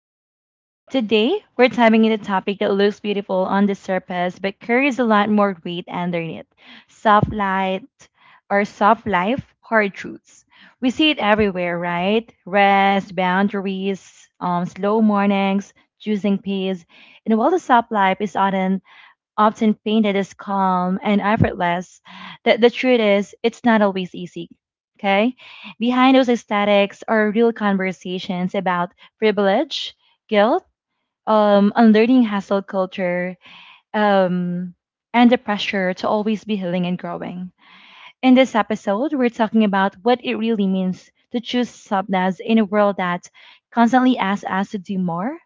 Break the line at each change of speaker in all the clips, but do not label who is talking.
Vibes. Today, we're diving into a topic that looks beautiful on the surface but carries a lot more weight underneath soft light or soft life hard truths. We see it everywhere, right? Rest, boundaries, slow mornings, choosing peace. And while the soft life is often painted as calm and effortless, the truth is it's not always easy. Okay? Behind those aesthetics are real conversations about privilege, guilt, unlearning hustle culture, um, and the pressure to always be healing and growing. In this episode, we're talking about what it really means to choose softness in a world that constantly asks us to do more,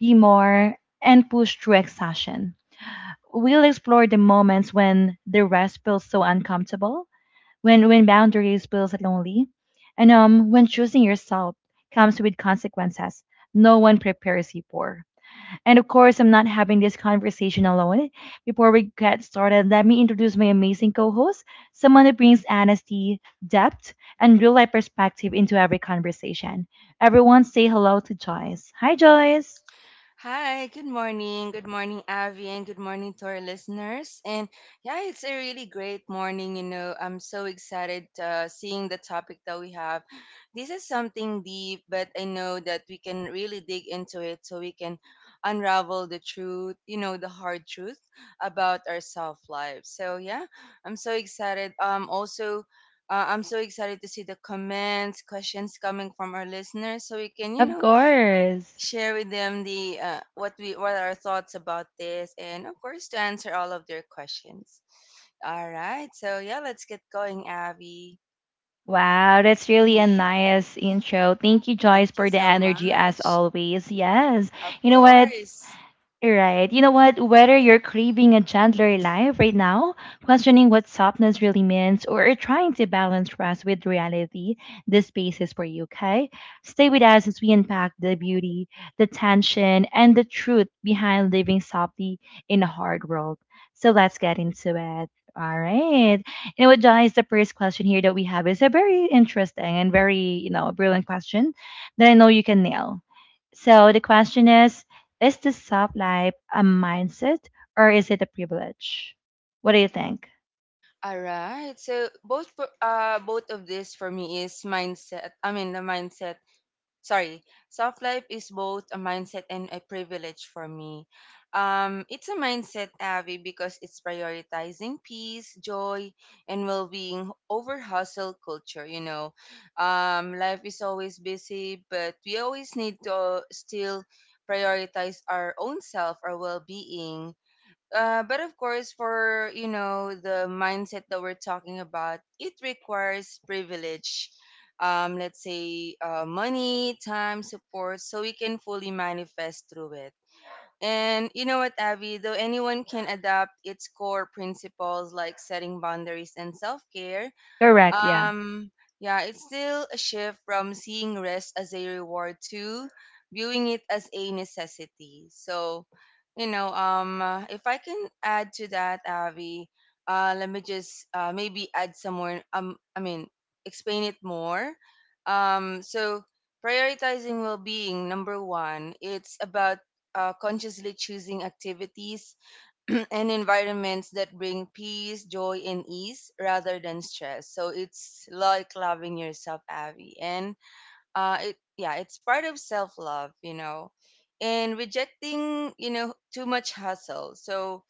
be more, and push through exhaustion. We'll explore the moments when the rest feels so uncomfortable, when boundaries feels lonely, and when choosing yourself comes with consequences no one prepares you for. And of course, I'm not having this conversation alone. Before we get started, let me introduce my amazing co-host, someone who brings honesty, depth, and real-life perspective into every conversation. Everyone, say hello to Joyce. Hi, Joyce.
Hi, good morning. Good morning, Avi, and good morning to our listeners. And yeah, it's a really great morning. You know, I'm so excited seeing the topic that we have. This is something deep, but I know that we can really dig into it so we can unravel the truth, you know, the hard truth about our self life. So yeah, I'm so excited. Also, I'm so excited to see the comments, questions coming from our listeners so we can, you
Of
know,
course.
share with them the what are our thoughts about this, and of course to answer all of their questions. All right, so yeah, let's get going, Abby.
Wow, that's really a
Yeah,
nice intro. Thank you, Joyce,
thank you
for the
so
energy as
much.
always. Yes.
Of
You know what?
course.
Right. You know what? Whether you're craving a gentler life right now, questioning what softness really means, or are trying to balance rest with reality, this space is for you, okay? Stay with us as we unpack the beauty, the tension, and the truth behind living softly in a hard world. So let's get into it. All right. You know what, guys? The first question here that we have is a very interesting and very, you know, brilliant question that I know you can nail. So the question is the soft life a mindset or is it a privilege? What do you think?
All right, so both both of this for me is mindset. I mean the mindset, sorry, self life is both a mindset and a privilege for me. It's a mindset, Avi, because it's prioritizing peace, joy, and well being over hustle culture. You know, life is always busy, but we always need to still prioritize our own self, our well being. But of course, for you know, the mindset that we're talking about, it requires privilege. Let's say money, time, support, so we can fully manifest through it. And you know what, Abby? Though anyone can adapt its core principles like setting boundaries and self care,
Correct. Yeah.
um, yeah, it's still a shift from seeing rest as a reward to viewing it as a necessity. So, you know, if I can add to that, Avi, let me just maybe add some more. I mean, explain it more. So prioritizing well-being, number one, it's about consciously choosing activities and environments that bring peace, joy, and ease rather than stress. So it's like loving yourself, Abby. And it yeah, it's part of self love, you know, and rejecting, you know, too much hustle. So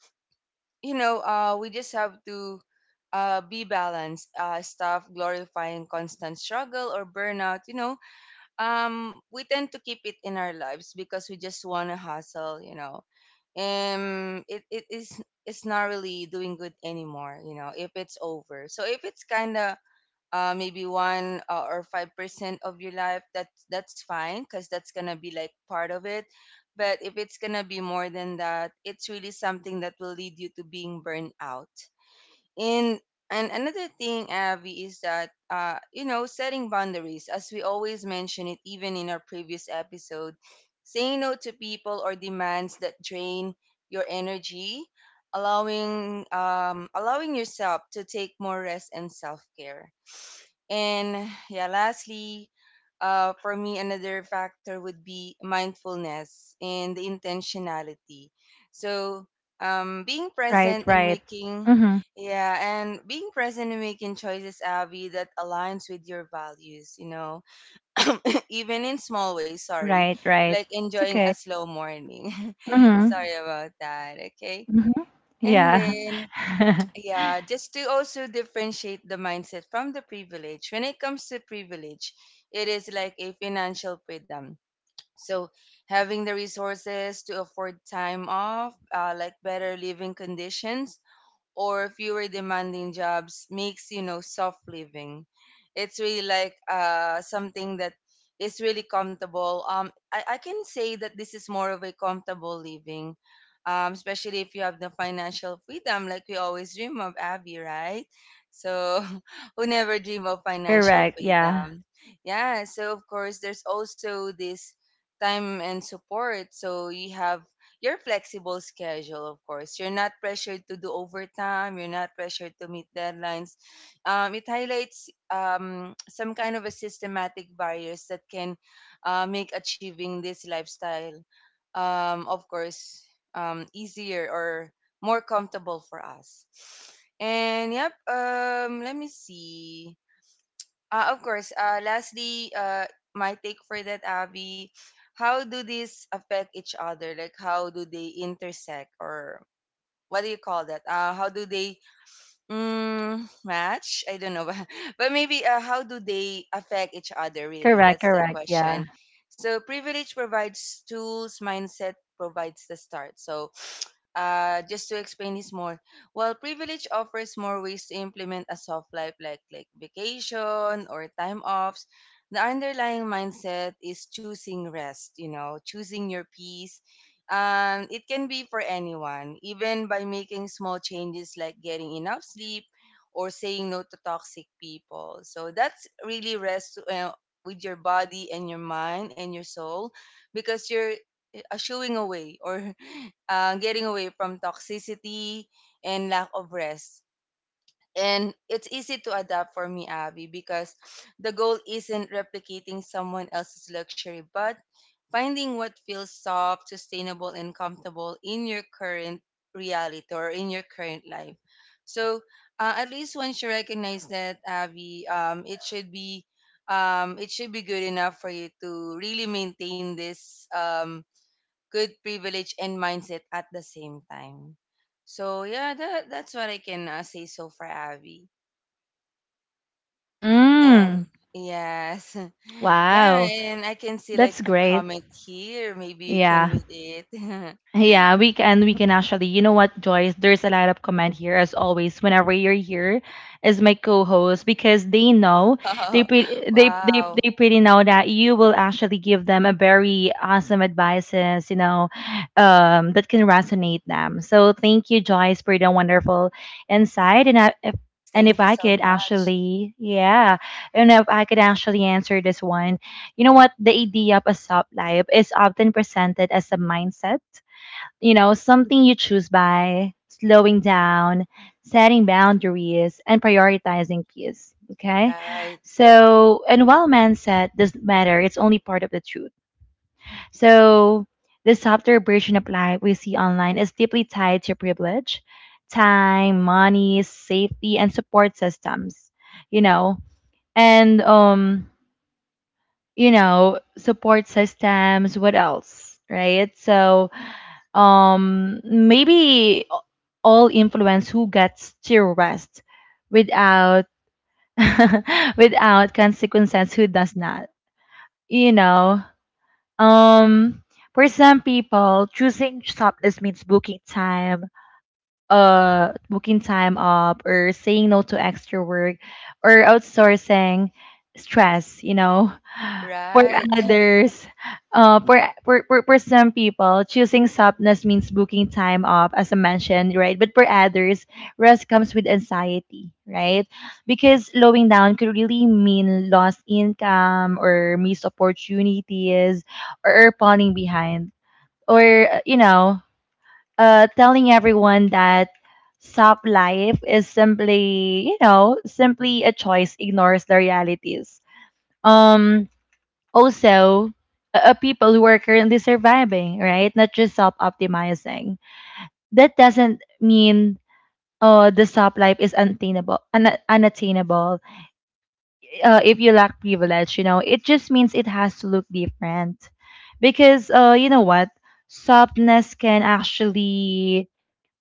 you know, we just have to. Be balanced. Stop glorifying constant struggle or burnout. You know, we tend to keep it in our lives because we just want to hustle, you know. um it, it is it's not really doing good anymore, you know, if it's over. So if it's kind of maybe one or 5% of your life, that's fine because that's gonna be like part of it. But if it's gonna be more than that, it's really something that will lead you to being burned out. And and another thing, Abby, is that you know, setting boundaries, as we always mention it, even in our previous episode, saying no to people or demands that drain your energy, allowing yourself to take more rest and self care. And yeah, lastly, for me, another factor would be mindfulness and the intentionality. So, being
Right.
present in
Right.
making,
Mm-hmm.
yeah, and being present in making choices, Abby, that aligns with your values, you know, even in small ways, sorry,
Right. Right.
like
It's
enjoying a
okay.
slow morning.
Mm-hmm.
Sorry about that, okay?
Mm-hmm.
And
Yeah.
then, yeah, just to also differentiate the mindset from the privilege. When it comes to privilege, it is like a financial freedom. So, having the resources to afford time off, like better living conditions, or fewer demanding jobs, makes, you know, soft living. It's really like something that is really comfortable. I can say that this is more of a comfortable living, especially if you have the financial freedom, like we always dream of, Abby, right? So who never dream of financial
Correct. Yeah.
freedom? Yeah, so of course, there's also this time and support, so you have your flexible schedule, of course. You're not pressured to do overtime. You're not pressured to meet deadlines. It highlights some kind of a systematic barriers that can make achieving this lifestyle, of course, easier or more comfortable for us. And yep, let me see. Of course. Lastly, my take for that, Abby, how do these affect each other? Like, how do they intersect, or what do you call that? How do they, mm, match? I don't know. But maybe how do they affect each other, really?
Correct.
That's the
Correct. Yeah.
question. So, privilege provides tools, mindset provides the start. So, just to explain this more, while privilege offers more ways to implement a soft life, like vacation or time offs, the underlying mindset is choosing rest, you know, choosing your peace. It can be for anyone, even by making small changes like getting enough sleep or saying no to toxic people. So that's really rest, with your body and your mind and your soul, because you're uh, away, or getting away from toxicity and lack of rest. And it's easy to adapt for me, Abby, because the goal isn't replicating someone else's luxury, but finding what feels soft, sustainable, and comfortable in your current reality or in your current life. So, at least once you recognize that, Abby, it should be good enough for you to really maintain this, good privilege and mindset at the same time. So yeah, that's what I can say so far, Abby.
Mm.
And yes, yeah,
Wow.
and I can see
That's
like a
great.
comment here. Maybe you can
Yeah.
read it.
Yeah, we can actually. You know what, Joyce? There's a lot of comment here as always. Whenever you're here, as my co-host, because they know they
Oh,
pre- they they
wow.
they pretty know that you will actually give them a very awesome advices. You know, that can resonate them. So thank you, Joyce, for the wonderful insight.
'Cause
And if
thank you
I
so
could
much.
actually, yeah, and if I could actually answer this one, you know what? The idea of a soft life is often presented as a mindset, you know, something you choose by slowing down, setting boundaries, and prioritizing peace. Okay.
Right,
So, and while mindset doesn't matter, it's only part of the truth. So, the softer version of life we see online is deeply tied to privilege, time, money, safety, and support systems, you know, and, um, you know, support systems, what else, right? So, um, maybe all influence who gets to rest without without consequences, who does not, you know. um for some people, choosing shopless means booking time up, or saying no to extra work, or outsourcing stress, you know. for
right.
others for some people, choosing softness means booking time off, as I mentioned, right? But for others, rest comes with anxiety, right? Because slowing down could really mean lost income or missed opportunities, or falling behind, or you know, telling everyone that soft life is simply, you know, simply a choice ignores the realities. Um, also, people who are currently surviving, right? Not just self optimizing. That doesn't mean the soft life is unattainable. Unattainable. If you lack privilege, you know, it just means it has to look different. Because, you know what? Softness can actually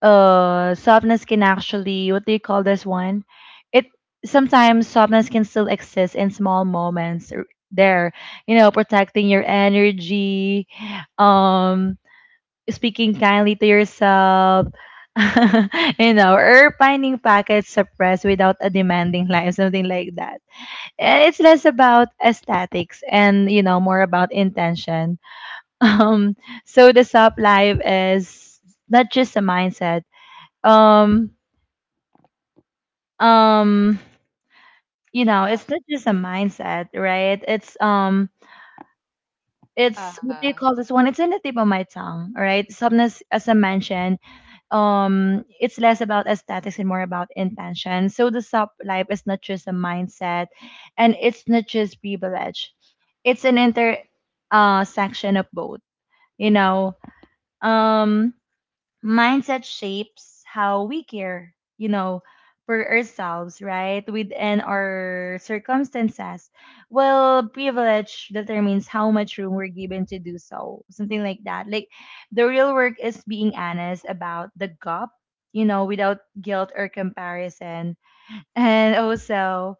Softness can actually, what do you call this one? It sometimes softness can still exist in small moments. R- there You know, protecting your energy, um, speaking kindly to yourself, you know, or finding pockets of rest without a demanding life, something like that. And it's less about aesthetics and, you know, more about intention. Um, so the soft life is not just a mindset. um um you know, it's not
Uh-huh,
just a mindset, right? It's, what do you
uh-huh.
call this one? It's in the tip of my tongue. Right, sometimes, as I mentioned, um, it's less about aesthetics and more about intention. So the sub life is not just a mindset, and it's not just privilege. It's an inter section of both, you know. Um, mindset shapes how we care, you know, for ourselves, right? Within our circumstances. Well, privilege determines how much room we're given to do so, something like that. Like, the real work is being honest about the gap, you know, without guilt or comparison. And also,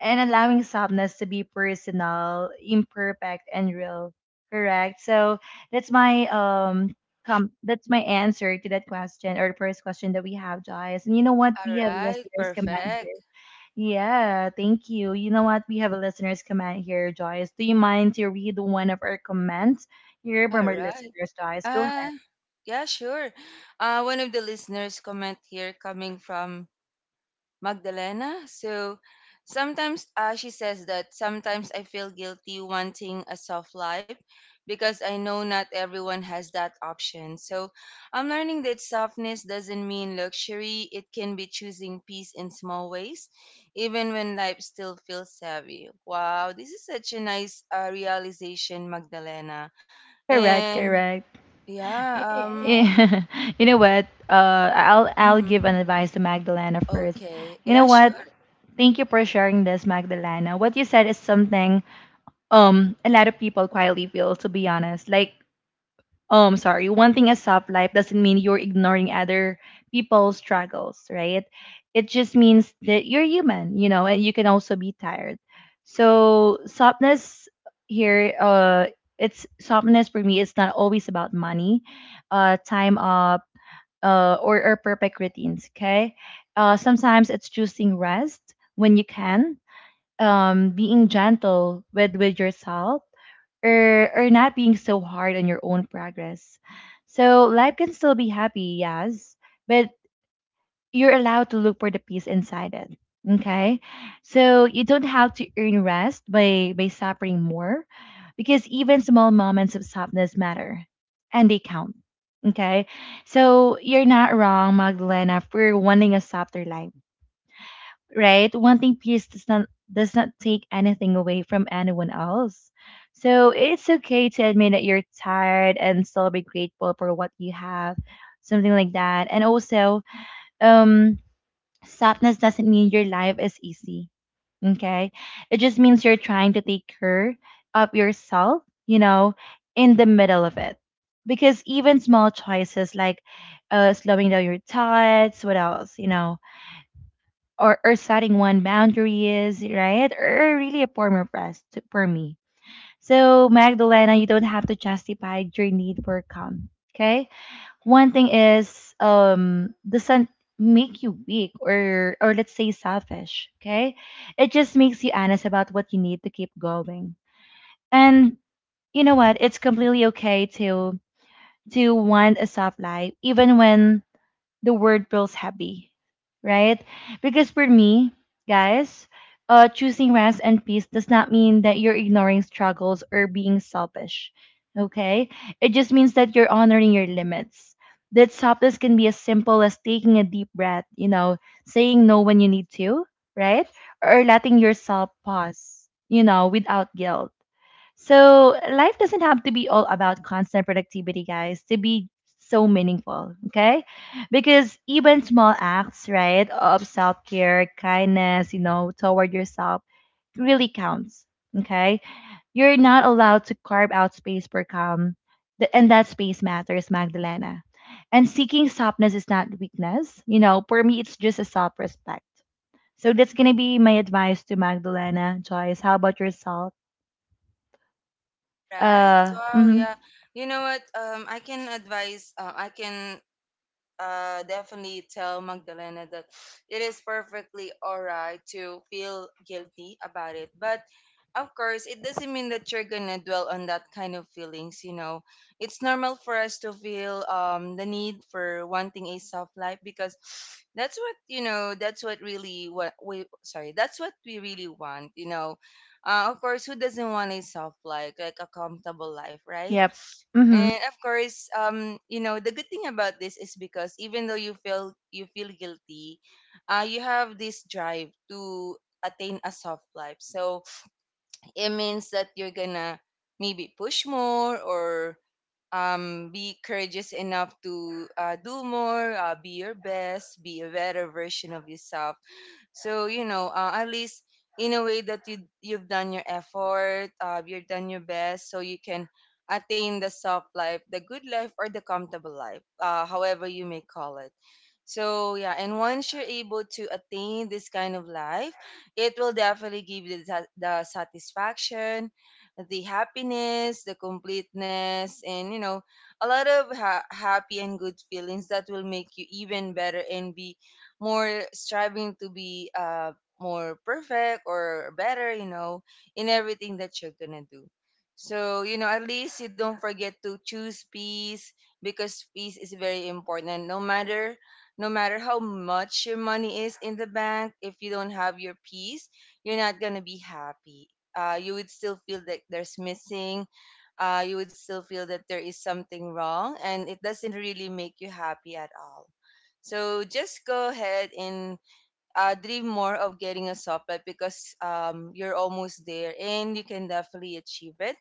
and allowing softness to be personal, imperfect, and real. Correct. So that's my that's my answer to that question, or the first question that we have, guys. And you know what?
All
We have
right,
listeners come out here.
perfect.
Yeah, thank you. You know what? We have a listener's comment here, Joyce. Do you mind to read one of our comments here from
All
our
right.
listeners, Joyce? Go ahead.
Uh, yeah, sure. One of the listeners comment here coming from Magdalena. So sometimes, she says that sometimes I feel guilty wanting a soft life because I know not everyone has that option. So I'm learning that softness doesn't mean luxury, it can be choosing peace in small ways, even when life still feels heavy. Wow, this is such a nice realization, Magdalena.
Correct,
And
correct.
yeah,
Y- y- you know what? I'll give
mhm.
an advice to Magdalena first.
Okay,
You know
yeah,
what?
sure.
Thank you for sharing this, Magdalena. What you said is something, um, a lot of people quietly feel, to be honest. Like, sorry, wanting a soft life doesn't mean you're ignoring other people's struggles, right? It just means that you're human, you know, and you can also be tired. So softness here, it's softness, for me, it's not always about money, time up, or perfect routines, okay? Uh, sometimes it's choosing rest when you can, um, being gentle with yourself, or not being so hard on your own progress. So life can still be happy, yes, but you're allowed to look for the peace inside it, okay? So you don't have to earn rest by suffering more, because even small moments of softness matter and they count, okay? So you're not wrong, Magdalena, for wanting a softer life, right? Wanting peace does not take anything away from anyone else. So it's okay to admit that you're tired and still be grateful for what you have, something like that. And also, um, sadness doesn't mean your life is easy. Okay, it just means you're trying to take care of yourself, you know, in the middle of it. Because even small choices, like, slowing down your thoughts, what else, you know, or setting one boundary is, right? Or really a form of rest to- for me. So Magdalena, you don't have to justify your need for calm. Okay. One thing is, um, doesn't make you weak or let's say selfish. Okay. It just makes you honest about what you need to keep going. And you know what? It's completely okay to want a soft life even when the word feels heavy, right? Because for me, guys, choosing rest and peace does not mean that you're ignoring struggles or being selfish, okay? It just means that you're honoring your limits. That softness can be as simple as taking a deep breath, you know, saying no when you need to, right? Or letting yourself pause, you know, without guilt. So life doesn't have to be all about constant productivity, guys, to be so meaningful, okay? Because even small acts, right, of self care, kindness, you know, toward yourself really counts, okay? You're not allowed to carve out space for calm, and that space matters, Magdalena. And seeking softness is not weakness, you know, for me, it's just a self respect. So that's gonna be my advice to Magdalena, Joyce. How about yourself?
All right. Wow.
Mhm.
Yeah. You know what? I can advise. I can definitely tell Magdalena that it is perfectly alright to feel guilty about it. But of course, it doesn't mean that you're gonna dwell on that kind of feelings. You know, it's normal for us to feel the need for wanting a soft life, because that's what, you know, that's what really what we sorry. that's what we really want. You know, of course, who doesn't want a soft life, like a comfortable life, right?
Yep. Mhm.
And of course, you know, the good thing about this is, because even though you feel guilty, you have this drive to attain a soft life. So it means that you're gonna maybe push more, or be courageous enough to do more, be your best, be a better version of yourself. So you know, at least in a way that you've done your effort, you've done your best, so you can attain the soft life, the good life, or the comfortable life, however you may call it. So yeah, and once you're able to attain this kind of life, it will definitely give you the, the satisfaction, the happiness, the completeness, and you know, a lot of happy and good feelings, that will make you even better and be more striving to be more perfect or better, you know, in everything that you're gonna do. So, you know, at least you don't forget to choose peace, because peace is very important. No matter how much your money is in the bank, if you don't have your peace, you're not gonna be happy. You would still feel that there's missing. You would still feel that there is something wrong, and it doesn't really make you happy at all. So just go ahead and dream more of getting a soft pet, because you're almost there and you can definitely achieve it.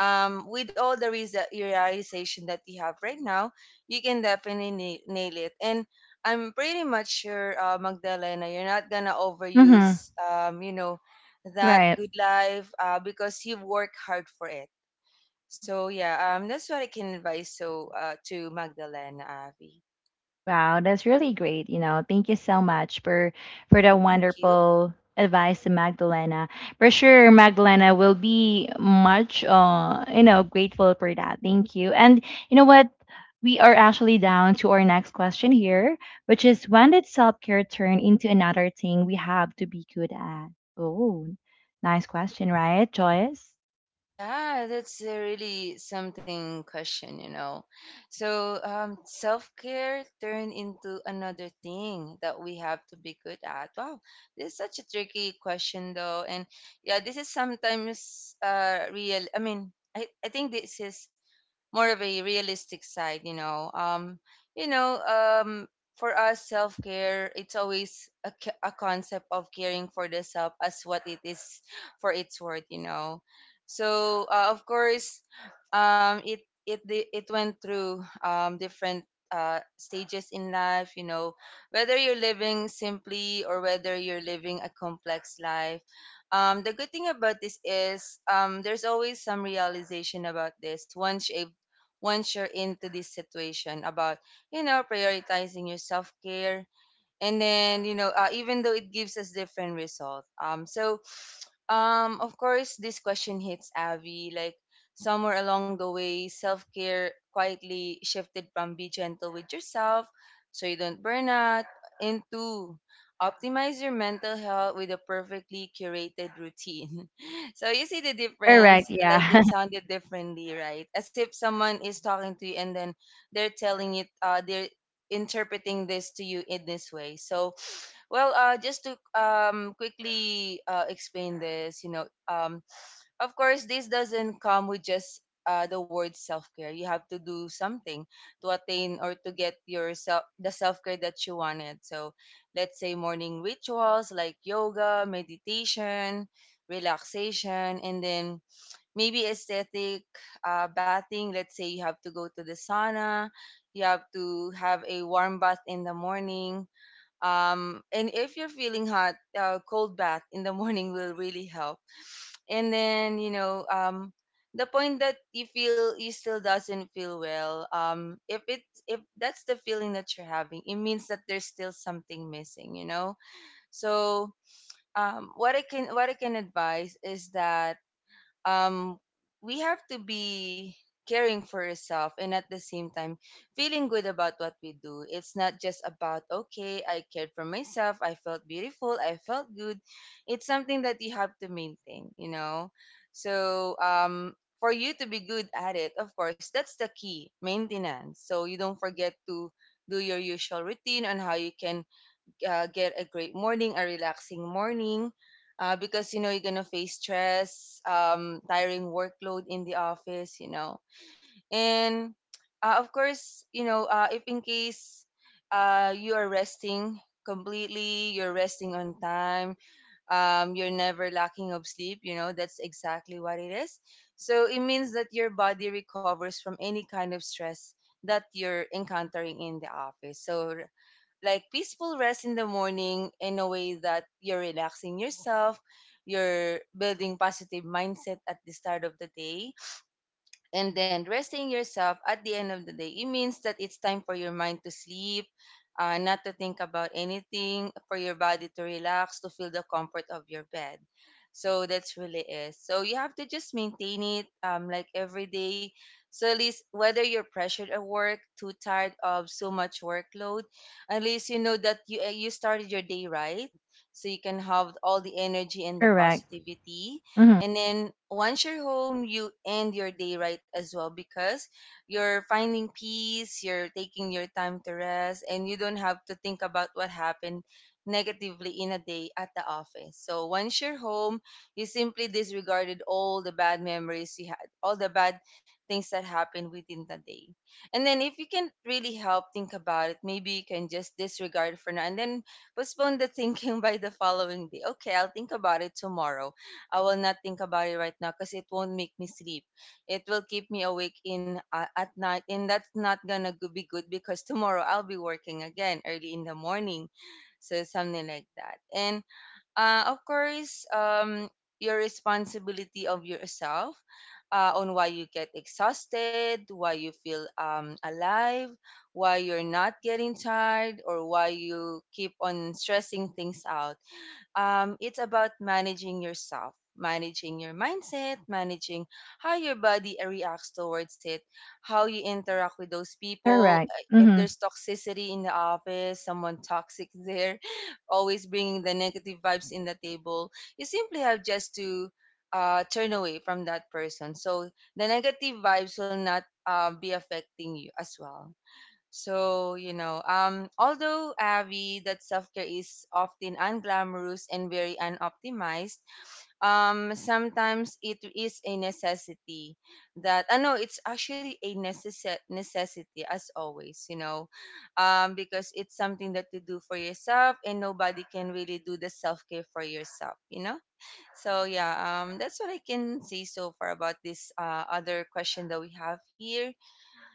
With all the realization that you have right now, you can definitely nail it. And I'm pretty much sure, Magdalena, you're not gonna
Mhm.
overuse, you know, that
Right.
good life, because you've worked hard for it. So yeah, that's what I can advise. So to Magdalena, Avi,
Wow, that's really great, you know. Thank you so much for the
thank you.
wonderful advice to Magdalena. For sure Magdalena will be much, uh, you know, grateful for that. Thank you. And you know what? We are actually down to our next question here, which is, when did self-care turn into another thing we have to be good at? Oh, nice question, right, Joyce?
Yeah, that's a really something question, you know. So, self care turned into another thing that we have to be good at. Wow, this is such a tricky question, though. And yeah, this is sometimes real. I mean, I think this is more of a realistic side, you know. You know, for us, self care, it's always a concept of caring for the self as what it is for its worth, you know. Of course, um, it it went through different stages in life, you know, whether you're living simply or whether you're living a complex life. The good thing about this is, there's always some realization about this once you're into this situation about, you know, prioritizing your self-care, and then, you know, even though it gives us different result, of course, this question hits Avi. Like, somewhere along the way, self care quietly shifted from be gentle with yourself so you don't burn out into optimize your mental health with a perfectly curated routine. So, you see the
Correct,
difference? Like,
yeah.
it sounded differently, right? As if someone is talking to you, and then they're interpreting this to you in this way. So, just to quickly explain this, you know, of course, this doesn't come with just the word self care. You have to do something to attain or to get yourself the self care that you wanted. So, let's say morning rituals like yoga, meditation, relaxation, and then maybe aesthetic bathing. Let's say you have to go to the sauna, you have to have a warm bath in the morning, and if you're feeling hot, cold bath in the morning will really help. And then, you know, the point that you feel you still doesn't feel well, if that's the feeling that you're having, it means that there's still something missing, you know. So, what I can advise is that, um, we have to be caring for yourself and at the same time feeling good about what we do. It's not just about, okay, I cared for myself, I felt beautiful, I felt good. It's something that you have to maintain, you know? So, for you to be good at it, of course, that's the key maintenance. So you don't forget to do your usual routine on how you can get a great morning, a relaxing morning, because you know you're gonna face stress, tiring workload in the office, you know, and of course, you know, if in case you are resting completely, you're resting on time, you're never lacking of sleep, you know, that's exactly what it is. So it means that your body recovers from any kind of stress that you're encountering in the office. So like peaceful rest in the morning in a way that you're relaxing yourself, you're building positive mindset at the start of the day, and then resting yourself at the end of the day, it means that it's time for your mind to sleep, not to think about anything, for your body to relax, to feel the comfort of your bed. So that's really it. So you have to just maintain it, like every day. So at least whether you're pressured at work, too tired of so much workload, at least you know that you started your day right, so you can have all the energy and the
Correct.
positivity.
Mhm.
And then once you're home, you end your day right as well, because you're finding peace, you're taking your time to rest, and you don't have to think about what happened negatively in a day at the office. So once you're home, you simply disregarded all the bad memories you had, all the bad things that happened within the day. And then if you can really help think about it, maybe you can just disregard for now and then postpone the thinking by the following day. Okay, I'll think about it tomorrow. I will not think about it right now because it won't make me sleep. It will keep me awake in at night, and that's not gonna be good because tomorrow I'll be working again early in the morning, so something like that. And of course, your responsibility of yourself on why you get exhausted, why you feel alive, why you're not getting tired, or why you keep on stressing things out, it's about managing yourself, managing your mindset, managing how your body reacts towards it, how you interact with those people.
Correct.
If
Mhm.
there's toxicity in the office, someone toxic there, always bringing the negative vibes in the table, you simply have just to turn away from that person. So the negative vibes will not be affecting you as well. So, you know, although Avi, that self care is often unglamorous and very unoptimized, sometimes it is a necessity that, I know it's actually a necessity as always, you know, because it's something that you do for yourself and nobody can really do the self care for yourself, you know? So, yeah, that's what I can say so far about this other question that we have here.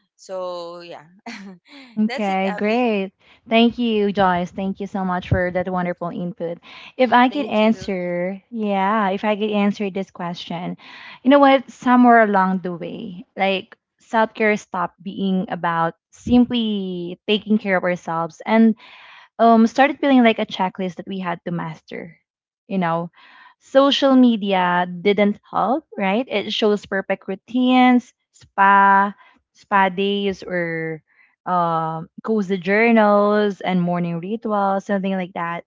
So yeah, that's it,
Okay,
Abby.
great. Thank you, Joyce. Thank you so much for that wonderful input. If I could
Thank you.
answer, yeah, if I could answer this question, you know what? Somewhere along the way, like self care stopped being about simply taking care of ourselves and started feeling like a checklist that we had to master, you know. Social media didn't help, right? It shows perfect routines, spa days, or cozy journals and morning rituals, something like that.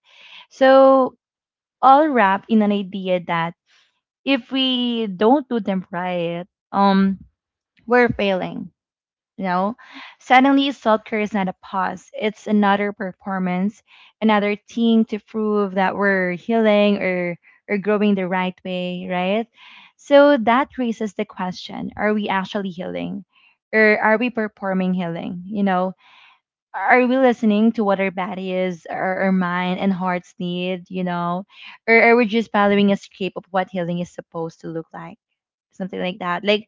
So, all wrapped in an idea that if we don't do them right, um we're failing, you know. Suddenly self care is not a pause, it's another performance, another thing to prove that we're healing or growing the right way, right? So that raises the question, are we actually healing? Or are we performing healing? You know, are we listening to what our body is, our mind and hearts need, you know? Or are we just following a script of what healing is supposed to look like? Something like that. Like,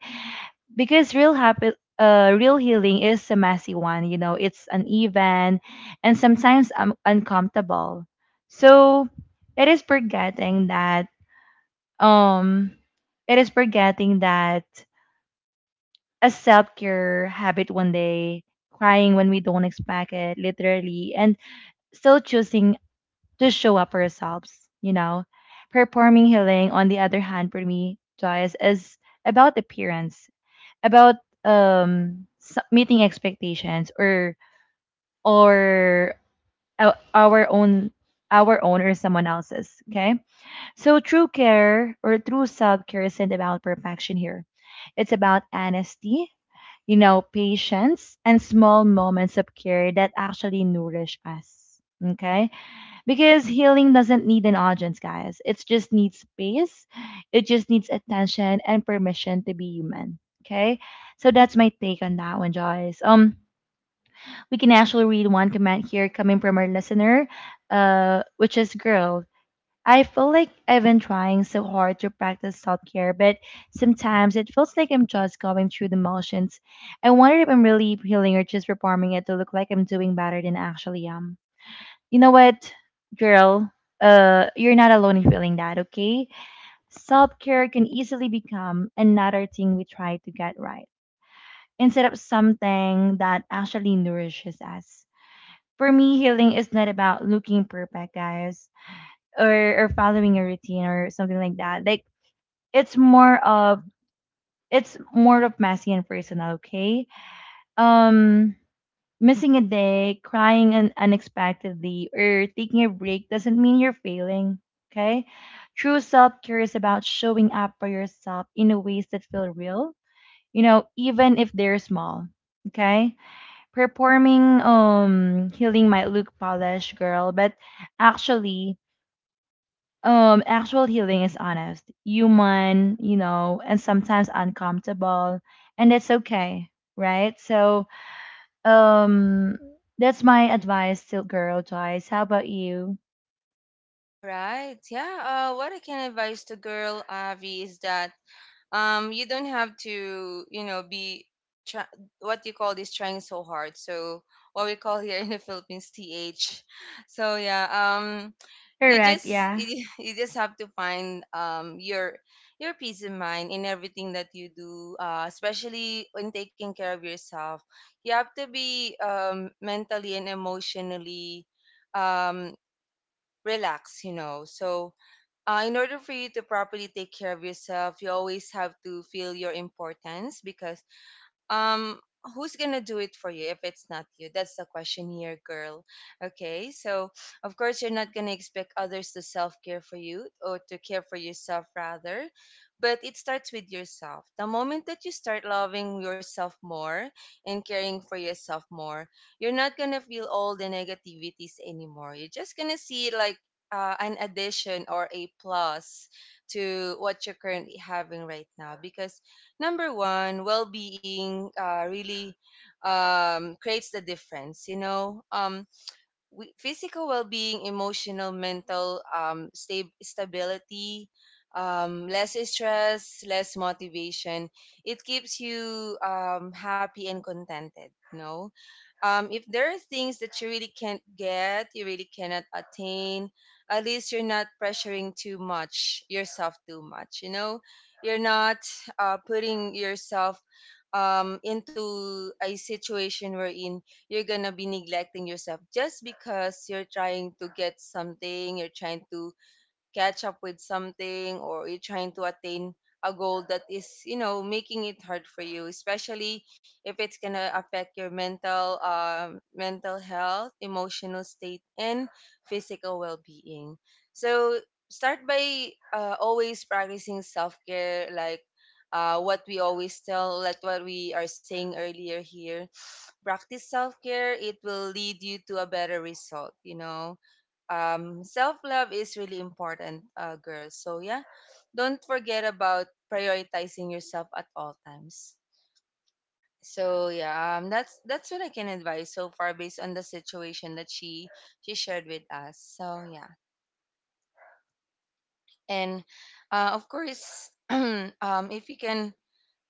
because real healing is a messy one, you know. It's uneven and sometimes uncomfortable. So it is forgetting that um it is forgetting that a self-care habit one day, crying when we don't expect it literally, and still choosing to show up for ourselves, you know. Performing healing, on the other hand, for me, Joyce, is about appearance, about meeting expectations, or or our own or someone else's. Okay, so true care or true self care isn't about perfection here. It's about honesty, you know, patience and small moments of care that actually nourish us. Okay, because healing doesn't need an audience, guys. It just needs space. It just needs attention and permission to be human. Okay, so that's my take on that one, Joyce. We can actually read one comment here coming from our listener, which is, girl. I feel like I've been trying so hard to practice self care, but sometimes it feels like I'm just going through the motions. I wonder if I'm really healing or just performing it to look like I'm doing better than I actually am. You know what, girl? You're not alone in feeling that, okay? Self care can easily become another thing we try to get right instead of something that actually nourishes us. For me, healing is not about looking perfect, guys, or following a routine or something like that. Like, it's more of it's more of messy and personal, okay? Um, Missing a day, crying unexpectedly, or taking a break doesn't mean you're failing. Okay? True self care is about showing up for yourself in a ways that feel real, you know, even if they're small. Okay? Performing healing might look polished, girl, but actually, actual healing is honest, human, you know, and sometimes uncomfortable, and it's okay, right? So um, that's my advice to girl Joyce. How about you?
All right. Yeah. What I can advise the girl, Avi, is that you don't have to, you know, be try, what you call this, trying so hard. So what we call here in the Philippines, th so yeah, um you
Correct.
just
Yeah.
you just have to find your peace of mind in everything that you do, especially when taking care of yourself. You have to be mentally and emotionally um relaxed, you know. So, in order for you to properly take care of yourself, you always have to feel your importance, because um who's gonna do it for you if it's not you? That's the question here, girl. Okay, so of course you're not gonna expect others to self-care for you, or to care for yourself rather. But it starts with yourself. The moment that you start loving yourself more and caring for yourself more, you're not gonna feel all the negativities anymore. You're just gonna see it like an addition or a plus to what you're currently having right now, because number one, well being really creates the difference. You know, physical well-being, emotional, mental, stability, less stress, less motivation, it keeps you happy and contented, you know. If there are things that you really can't get, you really cannot attain, at least you're not pressuring too much yourself too much, you know. You're not putting yourself into a situation wherein you're gonna to to. Be neglecting yourself just because you're trying get something. You're trying to catch up with something, or you're trying to attain a goal that is, you know, making it hard for you, especially if it's going to affect your mental, mental health, emotional state, and physical well-being. So start by always practicing self-care. Like, what we always tell like what we are saying earlier here, practice self-care, it will lead you to a better result, you know. Self love is really important, girls. So yeah, don't forget about prioritizing yourself at all times. So yeah, that's what I can advise so far based on the situation that she shared with us. So yeah, and of course, if you can,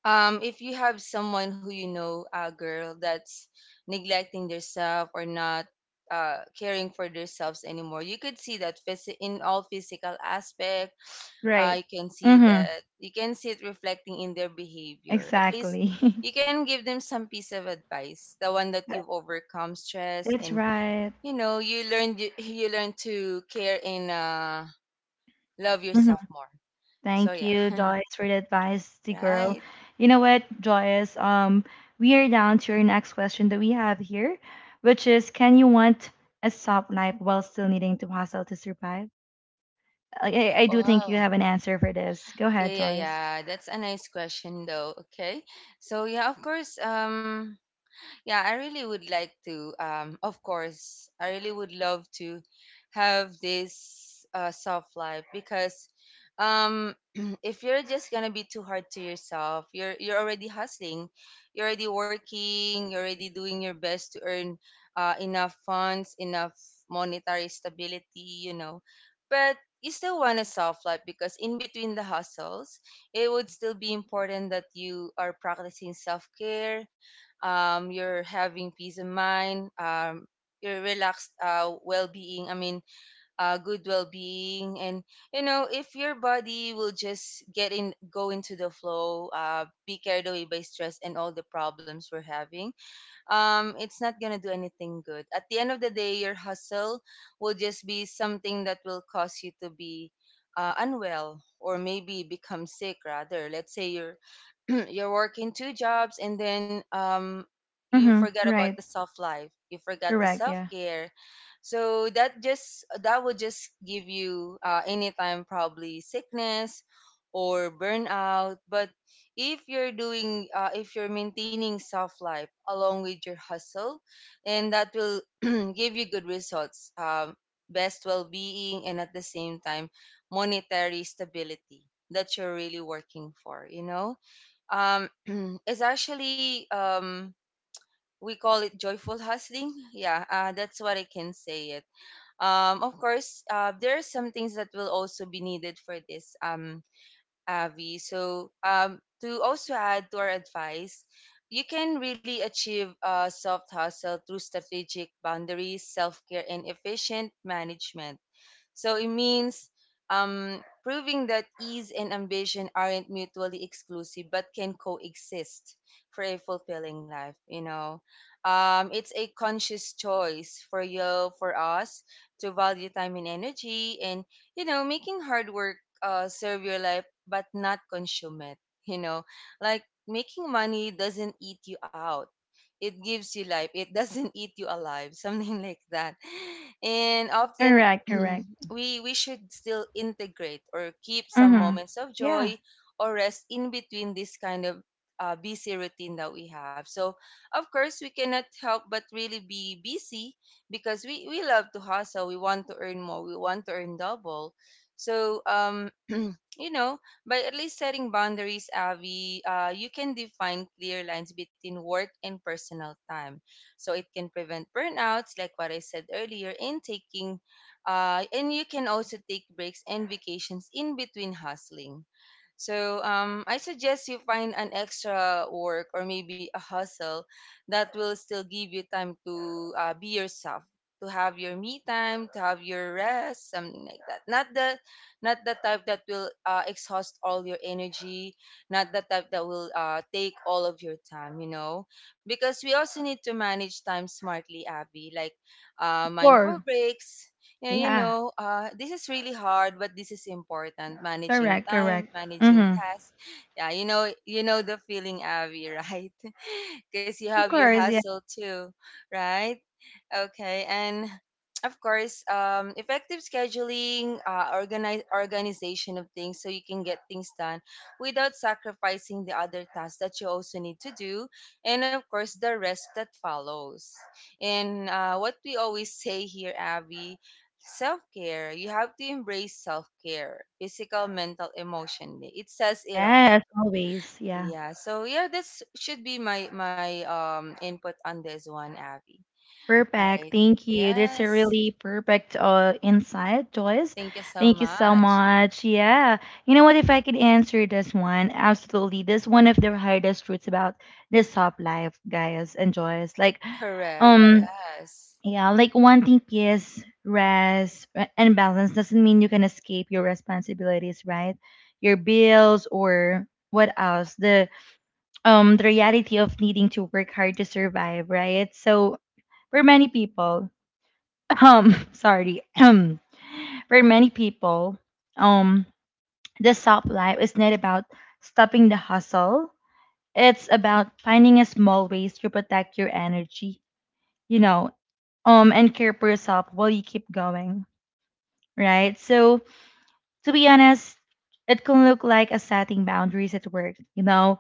if you have someone who, you know, a girl that's neglecting themselves or not caring for themselves anymore, you could see that in all physical aspect,
Right.
I can see that,
Mm-hmm.
you can see it reflecting in their behavior. At least
Exactly.
you can give them some piece of advice, the one that
That-
you've overcome stress
That's
and
right.
you know you learned, you learn to care and love
Mm-hmm.
yourself more. So
Thank
yeah,
you, Joyce, for the advice, the girl.
right.
You know what, Joyce? We are down to your next question that we have here, which is, can you want a soft life while still needing to hustle to survive? I do think you
Oh,
have an answer for this. Go
yeah,
ahead,
yeah,
Joyce.
yeah. That's a nice question though. Okay, so yeah, of course. Yeah, I really would like to. Of course, I really would love to have this soft life because, um, if you're just gonna be too hard to yourself, you're already hustling, you're already working, you're already doing your best to earn enough funds, enough monetary stability, you know, but you still want a soft life because in between the hustles, it would still be important that you are practicing self care, you're having peace of mind, your relaxed well-being. I mean, good well-being, and you know, if your body will just go into the flow, be carried away by stress and all the problems we're having, it's not gonna do anything good. At the end of the day, your hustle will just be something that will cause you to be unwell or maybe become sick. Rather, let's say you're you're working two jobs and then you
Mm-hmm.
forgot about the
Right.
self life. You forgot the
Correct.
self
Yeah.
care. So that would just give you anytime probably sickness or burnout. But if you're doing if you're maintaining self life along with your hustle, and that will give you good results, best well-being, and at the same time monetary stability that you're really working for, you know. um, it's actually we call it joyful hustling, yeah. That's what I can say it. Of course, there are some things that will also be needed for this, Avi. So, to also add to our advice, you can really achieve a soft hustle through strategic boundaries, self care, and efficient management. So it means, proving that ease and ambition aren't mutually exclusive but can coexist for a fulfilling life. You know, it's a conscious choice for you, for us, to value time and energy, and you know, making hard work serve your life but not consume it. You know, like making money doesn't eat you out, it gives you life, it doesn't eat you alive something like that. And often
Correct. Correct.
Mhm. we should still integrate or keep some
Mm-hmm.
moments of
Yeah.
joy or rest in between this kind of busy routine that we have. So of course we cannot help but really be busy, because we love to hustle, we want to earn more, we want to earn double. So um, you know, by at least setting boundaries, Avi, you can define clear lines between work and personal time, so it can prevent burnouts like what I said earlier in taking. And you can also take breaks and vacations in between hustling. So I suggest you find an extra work or maybe a hustle that will still give you time to be yourself, to have your me time, to have your rest, something like that. Not the not the type that will exhaust all your energy, not the type that will take all of your time, you know. Because we also need to manage time smartly, Abby, like mindful
Sure.
breaks, yeah, you
Yeah.
know, this is really hard, but this is important. Managing
Correct. Correct.
time, managing
Mm-hmm.
tasks. Yeah, you know the feeling, Abby, right? Because you have
Of
your
course. Yeah.
hustle too, right? Okay, and of course, effective scheduling, organize organization of things so you can get things done without sacrificing the other tasks that you also need to do, and of course the rest that follows. And what we always say here, Abby, self care. You have to embrace self care, physical, mental, emotionally. It says it all.
Yes. Always. Yeah.
Yeah. So yeah, this should be my my input on this one, Abby. All
Perfect.
right.
Thank you. That's a
Yes.
really perfect insight, Joyce.
Thank you so
Thank you so
much.
much. Yeah. You know what? If I could answer this one, absolutely. That's one of the hardest truths about this top life, guys and Joyce. Like,
Correct.
um,
Yes.
yeah, like wanting peace, rest, and balance doesn't mean you can escape your responsibilities, right? Your bills or what else? The the reality of needing to work hard to survive, right? So for many people, sorry, for many people, um, the soft life is not about stopping the hustle. It's about finding a small ways to protect your energy, you know, and care for yourself while you keep going, right? So to be honest, it can look like a setting boundaries at work, you know,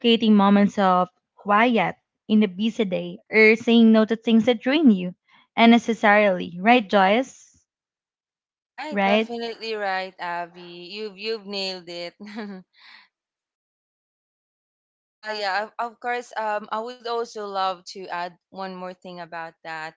creating moments of quiet in a busy day, or saying no to things that drain you unnecessarily, right, Joyce?
Right.
Right?
Definitely right, Abby. You've nailed it. Yeah, of course. I would also love to add one more thing about that.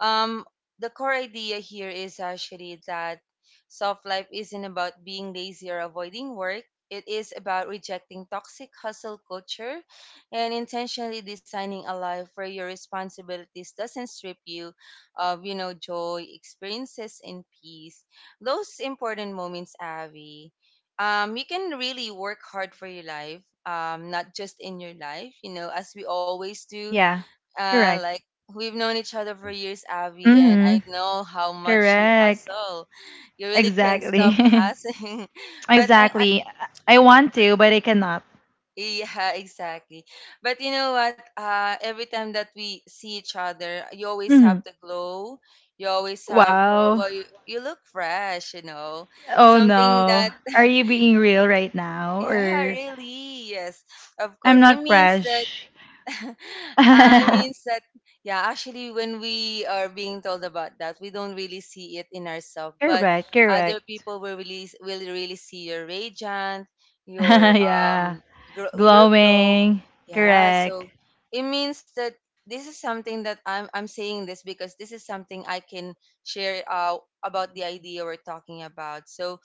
Um, the core idea here is actually that soft life isn't about being lazy or avoiding work. It is about rejecting toxic hustle culture and intentionally designing a life where your responsibilities doesn't strip you of, you know, joy, experiences, and peace. Those important moments, Avi, you can really work hard for your life, not just in your life, you know, as we always do.
Yeah, correct.
Like, we've known each other for years, Abby, and I
Mm-hmm.
know how much you
Correct.
hustle. You really can't stop
Exactly.
hustling. But I,
Exactly. I want
but
to, but I cannot.
yeah, exactly. But you know what? Every time that we see each other, you always
Hmm.
have the glow. You always have,
Wow.
well, you look fresh, you know,
Oh
something
no.
that.
Are you being real right now?
Yeah,
Or
really. Yes, of
I'm
course. It
not
means that,
fresh.
it means that, yeah, actually, when we are being told about that, we don't really see it in ourselves, but
Correct,
other
correct.
people will really see your radiant, your,
Yeah.
your glow.
Glowing.
Yeah,
Correct.
so it means that this is something that I'm saying this because this is something I can share, about the idea we're talking about. So,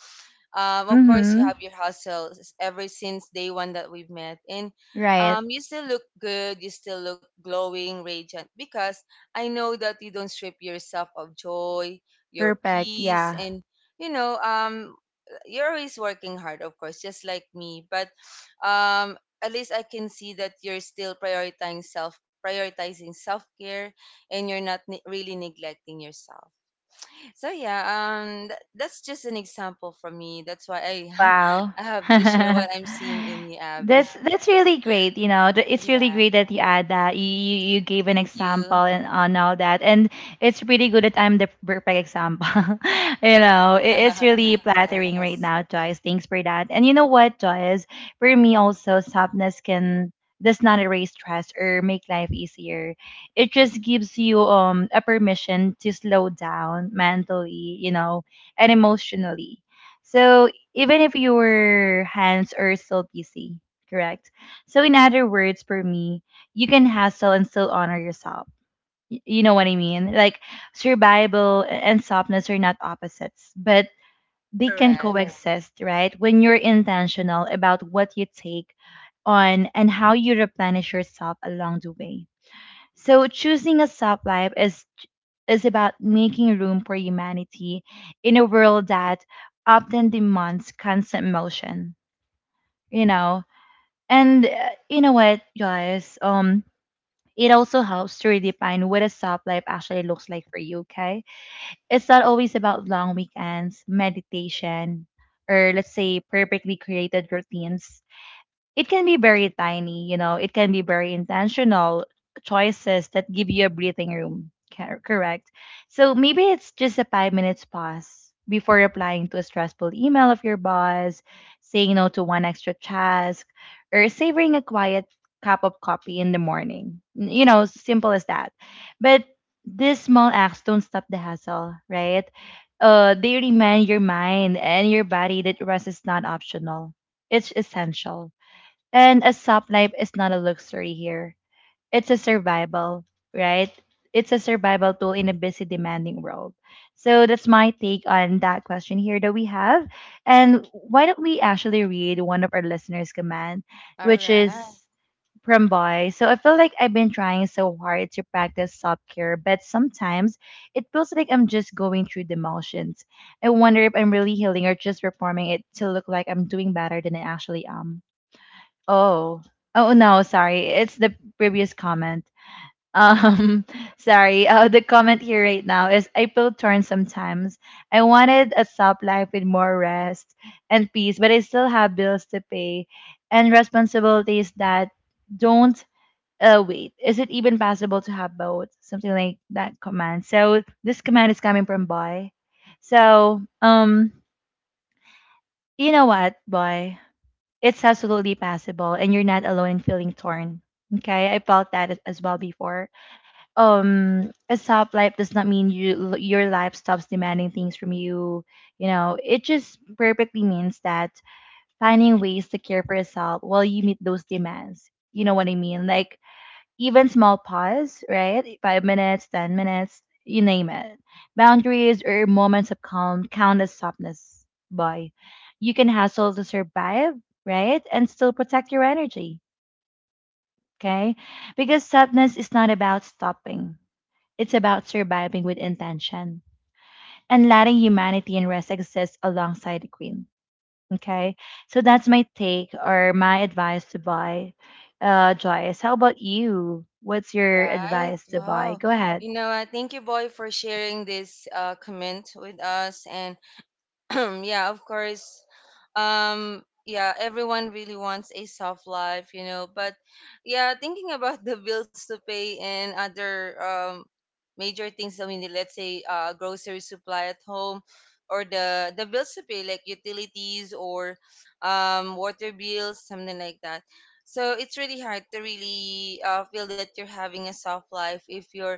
of course, you
Mm-hmm.
have your hustles ever since day one that we've met, and
Right.
you still look good. You still look glowing, radiant, because I know that you don't strip yourself of joy, your
Perfect.
peace,
Yeah.
and you know, you're always working hard, of course, just like me. But at least I can see that you're still prioritizing self care, and you're not really neglecting yourself. So yeah, that's just an example for me, that's why I
Wow.
I have to share what I'm seeing in you, Abby.
That's really great. You know, it's really
Yeah,
great that you add that. You gave an
thank you.
example and on all that, and it's pretty good that I'm the perfect example. You know, it's really flattering right
Yes.
now, Joyce. Thanks for that. And you know what, Joyce? For me, also softness can does not erase stress or make life easier. It just gives you a permission to slow down mentally, you know, and emotionally. So even if your hands are still busy, correct? So, in other words, for me, you can hustle and still honor yourself. You know what I mean? Like, survival and softness are not opposites, but they can
Correct.
Correct. Coexist, right? When you're intentional about what you take on and how you replenish yourself along the way. So choosing a soft life is about making room for humanity in a world that often demands constant motion, you know. And you know what, guys, it also helps to redefine what a soft life actually looks like for you, okay? It's not always about long weekends, meditation, or let's say perfectly created routines. It can be very tiny, you know, it can be very intentional choices that give you a breathing room. Correct. So maybe it's just a 5 minutes pause before replying to a stressful email of your boss, saying no to one extra task, or savoring a quiet cup of coffee in the morning. You know, simple as that. But these small acts don't stop the hassle, right? They remind your mind and your body that rest is not optional. It's essential. And a soft life is not a luxury here. It's a survival, right? It's a survival tool in a busy, demanding world. So that's my take on that question here that we have. And why don't we actually read one of our listeners' command,
All
which
right.
is from Boy. So I feel like I've been trying so hard to practice self care, but sometimes it feels like I'm just going through the motions. I wonder if I'm really healing or just performing it to look like I'm doing better than I actually am. Oh, oh no, sorry. It's the previous comment. Um, sorry. The comment here right now is, I feel torn sometimes. I wanted a soft life with more rest and peace, but I still have bills to pay and responsibilities that don't wait. Is it even possible to have both? Something like that command. So this command is coming from boy. So you know what, boy? It's absolutely possible, and you're not alone in feeling torn. Okay, I felt that as well before. A soft life does not mean you your life stops demanding things from you. You know, it just perfectly means that finding ways to care for yourself while you meet those demands. You know what I mean? Like even small pause, right? 5 minutes, 10 minutes, you name it. Boundaries or moments of calm count as softness, boy. You can hustle to survive, right? And still protect your energy, okay? Because softness is not about stopping, it's about surviving with intention and letting humanity and rest exist alongside the queen. Okay. So that's my take or my advice to buy. Joyce, how about you? What's
All
your
right,
advice to buy?
wow.
Go ahead.
You know, thank you, boy, for sharing this comment with us, and yeah, of course. Um, yeah, everyone really wants a soft life, you know, but yeah, thinking about the bills to pay and other major things. I mean, let's say grocery supply at home, or the bills to pay like utilities or water bills, something like that. So it's really hard to really feel that you're having a soft life if you're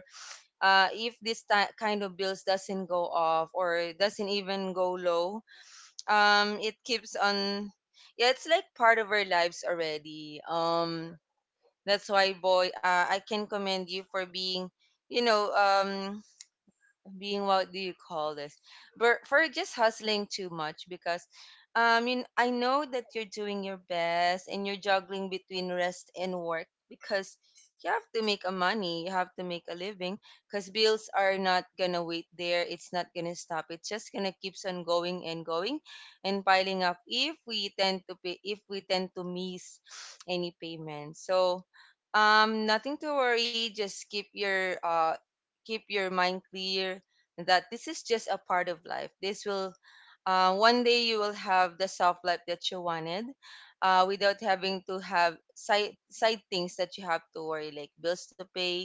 if this kind of bills doesn't go off or doesn't even go low. It keeps on. Yeah, it's like part of our lives already. That's why, boy, I can commend you for being, you know, being, what do you call this, but for just hustling too much. Because um, you, I know that you're doing your best and you're juggling between rest and work, because you have to make a money, you have to make a living, because bills are not gonna wait there, it's not gonna stop, it's just gonna keeps on going and going and piling up if we tend to pay, if we tend to miss any payment. So um, nothing to worry, just keep your mind clear that this is just a part of life. This will, one day you will have the soft life that you wanted, without having to have side things that you have to worry like bills to pay,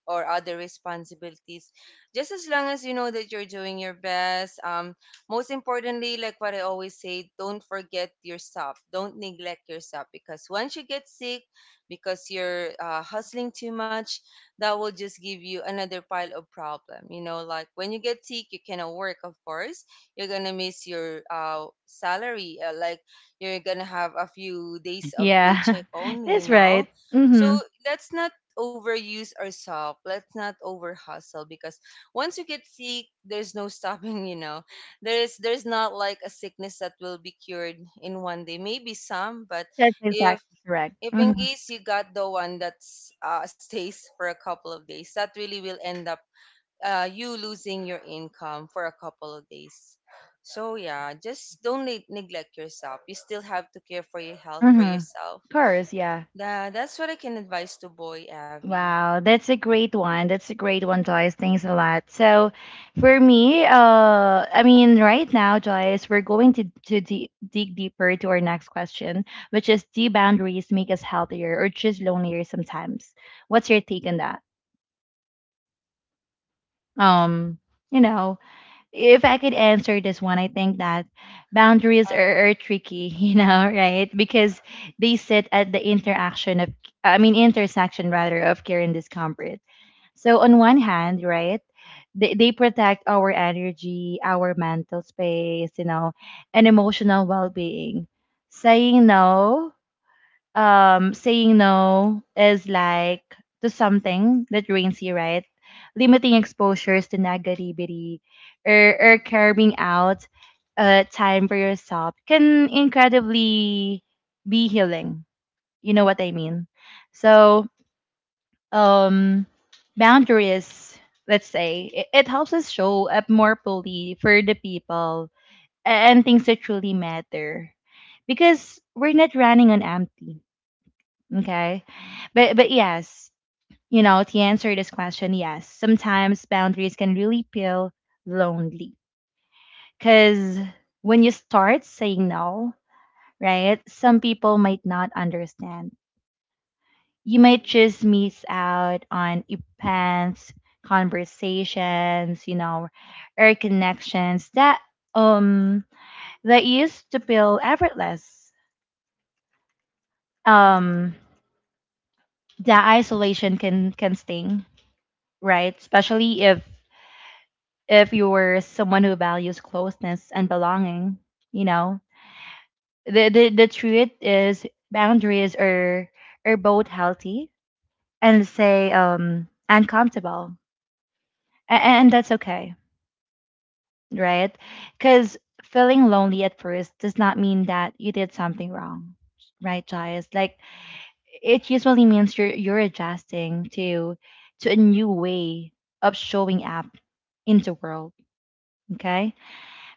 or other responsibilities, just as long as you know that you're doing your best. Um, most importantly, like what I always say, don't forget yourself, don't neglect yourself, because once you get sick because you're hustling too much, that will just give you another pile of problem, you know, like when you get sick you cannot work, of course you're gonna miss your salary, like you're gonna have a few days of
Yeah,
paycheck only, you
that's
know.
right.
So
Mm-hmm.
let's not overuse ourselves. Let's not over hustle, because once you get sick, there's no stopping, you know. There's not like a sickness that will be cured in one day. Maybe some, but
That's
if
exactly correct. Mm-hmm.
in case you got the one that's stays for a couple of days, that really will end up you losing your income for a couple of days. So yeah, just don't neglect yourself. You still have to care for your health, for
Mm-hmm.
yourself.
Of yeah.
That's what I can advise to boy, Abby.
Wow, that's a great one. That's a great one, Joyce. Thanks a lot. So, for me, I mean, right now, Joyce, we're going to dig deeper to our next question, which is, do boundaries make us healthier or just lonelier sometimes? What's your take on that? Um, you know, if I could answer this one, I think that boundaries are tricky, you know, right? Because they sit at the interaction of, I mean, intersection rather of care and discomfort. So on one hand, right, they protect our energy, our mental space, you know, and emotional well-being. Saying no saying no is like to something that drains you, right? Limiting exposures to negativity or carving out time for yourself can incredibly be healing. You know what I mean? So um boundaries, let's say, it helps us show up more fully for the people and things that truly matter. Because we're not running on empty. Okay. But yes, you know, to answer this question, yes. Sometimes boundaries can really feel lonely. Cause when you start saying no, right, some people might not understand. You might just miss out on events, conversations, you know, or connections that um that used to feel effortless. Um the isolation can sting, right? Especially if you're someone who values closeness and belonging, you know, the truth is boundaries are both healthy and say uncomfortable, and that's okay, right? Because feeling lonely at first does not mean that you did something wrong, right, Jayas? Like it usually means you're adjusting to a new way of showing up in the world, okay?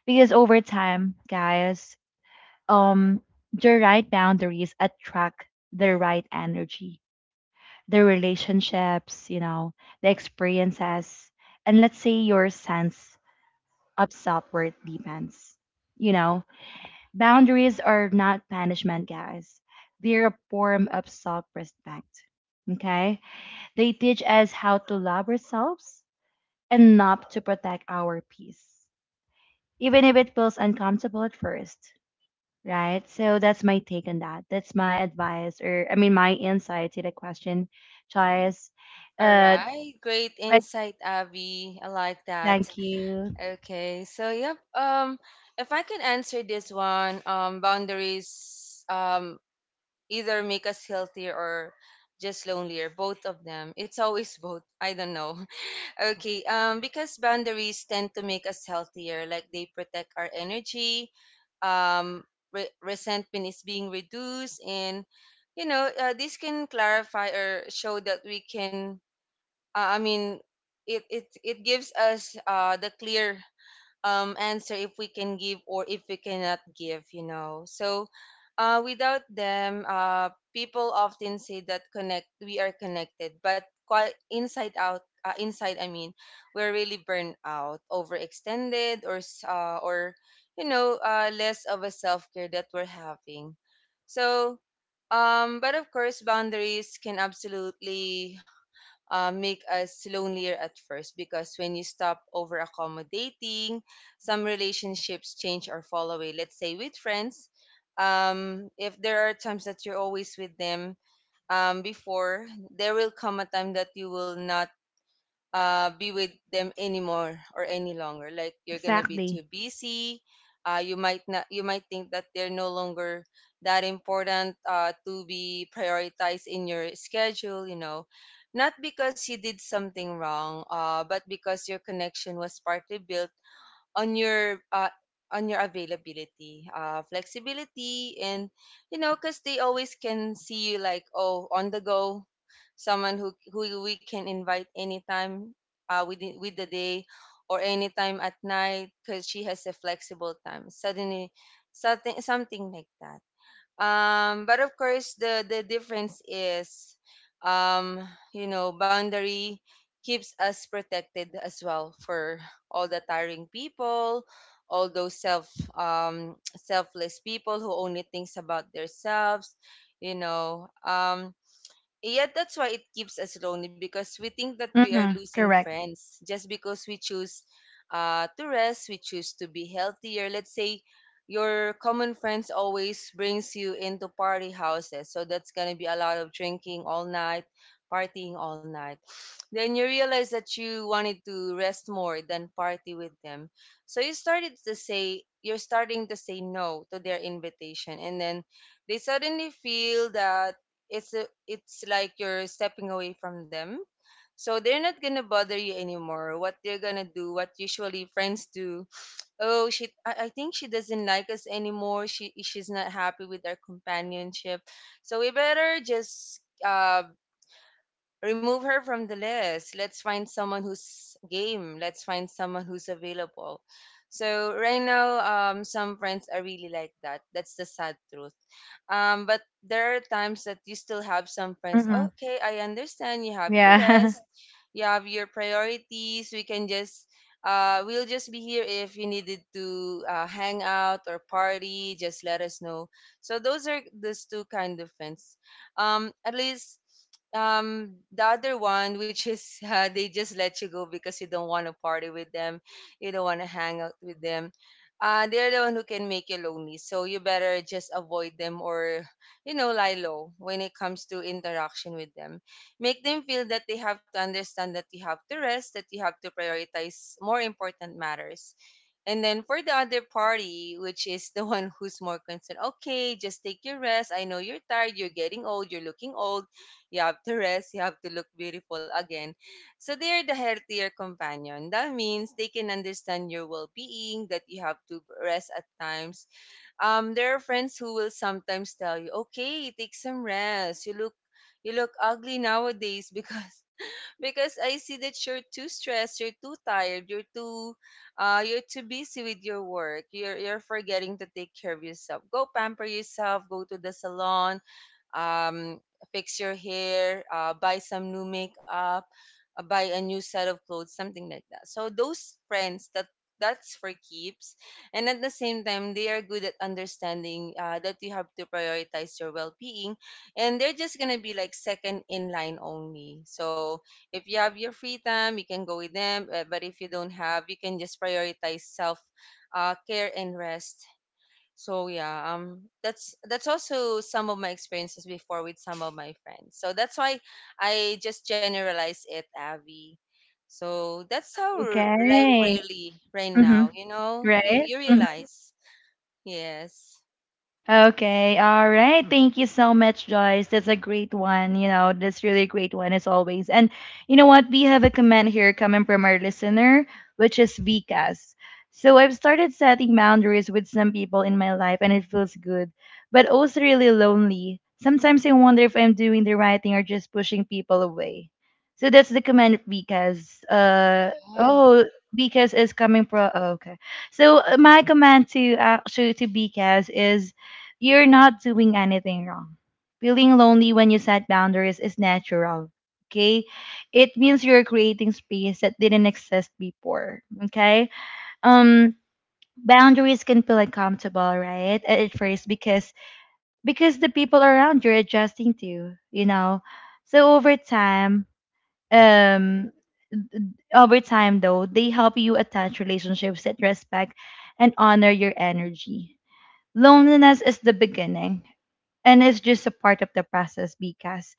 Because over time, guys, um the right boundaries attract the right energy, the relationships, you know, the experiences, and let's say your sense of self-worth depends, you know, boundaries are not punishment, guys, they're a form of self-respect, okay, they teach us how to love ourselves enough to protect our peace even if it feels uncomfortable at first. Right. So that's my take on that. That's my advice, or I mean, my insight to the question, Joyce.
All
Uh,
right, great
but
insight, Abby. I like that.
thank you.
Okay, so yep. If I can answer this one, boundaries either make us healthier or just lonelier. Both of them. It's always both. I don't know. Okay. Because boundaries tend to make us healthier. Like they protect our energy. Um, resentment is being reduced, and you know, this can clarify or show that we can I mean, it gives us the clear answer if we can give or if we cannot give. You know, so without them, people often say that connect we are connected, but quite inside out. Inside, I mean, we're really burned out, overextended, or or you know, less of a self care that we're having. So, but of course, boundaries can absolutely make us lonelier at first because when you stop over accommodating, some relationships change or fall away. Let's say with friends, if there are times that you're always with them before, there will come a time that you will not be with them anymore or any longer. Like you're gonna be too
Exactly.
busy. You might not. You might think that they're no longer that important to be prioritized in your schedule. You know, not because you did something wrong, but because your connection was partly built on your uh, on your availability, flexibility, and you know, because they always can see you like, oh, on the go, someone who we can invite anytime, within with the day, or anytime at night, because she has a flexible time. Suddenly, something like that. But of course, the difference is, um, you know, boundary keeps us protected as well for all the tiring people, all those selfless people who only thinks about themselves. You know, um, yeah, that's why it keeps us lonely because we think that we are
Mm-hmm.
losing
Correct.
friends just because we choose to rest, we choose to be healthier. Let's say your common friends always brings you into party houses, so that's gonna be a lot of drinking all night, partying all night. Then you realize that you wanted to rest more than party with them, so you're starting to say no to their invitation, and then they suddenly feel that it's like you're stepping away from them. So they're not gonna bother you anymore. What they're gonna do, what usually friends do, oh I think she doesn't like us anymore. She's not happy with our companionship. So we better just remove her from the list. Let's find someone who's game. Let's find someone who's available. So right now, some friends are really like that. That's the sad truth. But there are times that you still have some friends.
Mm-hmm.
Okay, I understand. You have to
Yeah.
rest. You have your priorities. We can just, we'll just be here if you needed to hang out or party. Just let us know. So those are those two kind of friends. At least the other one which is they just let you go because you don't want to party with them, you don't want to hang out with them. They're the one who can make you lonely. So you better just avoid them or, you know, lie low when it comes to interaction with them. Make them feel that they have to understand that you have to rest, that you have to prioritize more important matters. And then for the other party, which is the one who's more concerned, okay, just take your rest. I know you're tired, you're getting old, you're looking old. You have to rest, you have to look beautiful again. So they are the healthier companion. That means they can understand your well-being, that you have to rest at times. There are friends who will sometimes tell you, "Okay, take some rest. You look ugly nowadays because I see that you're too stressed, you're too tired, you're too busy with your work. You're forgetting to take care of yourself. Go pamper yourself. Go to the salon, um, fix your hair, buy some new makeup, buy a new set of clothes, something like that. So those friends that that's for keeps, and at the same time they are good at understanding that you have to prioritize your well-being, and they're just gonna be like second in line only. So if you have your free time, you can go with them, but if you don't have, you can just prioritize self care and rest. So yeah, that's also some of my experiences before with some of my friends. So that's why I just generalize it, Abby. So that's how life
Okay.
really right
Mm-hmm.
now. You know, you
Right.
you realize. Yes.
Okay, all right. Thank you so much, Joyce. That's a great one. You know, that's really a great one as always. And you know what? We have a comment here coming from our listener, which is Vikas. So I've started setting boundaries with some people in my life, and it feels good, but also really lonely. Sometimes I wonder if I'm doing the right thing or just pushing people away. So that's the comment, Vikas.
All right.
Oh, Vikas is coming from. Oh, okay. So my command to actually to Vikas is you're not doing anything wrong. Feeling lonely when you set boundaries is natural. Okay? It means you're creating space that didn't exist before. Okay? Um boundaries can feel uncomfortable, right? At first because the people around you're adjusting to, you know. So um over time though, they help you attach relationships that respect and honor your energy. Loneliness is the beginning and it's just a part of the process because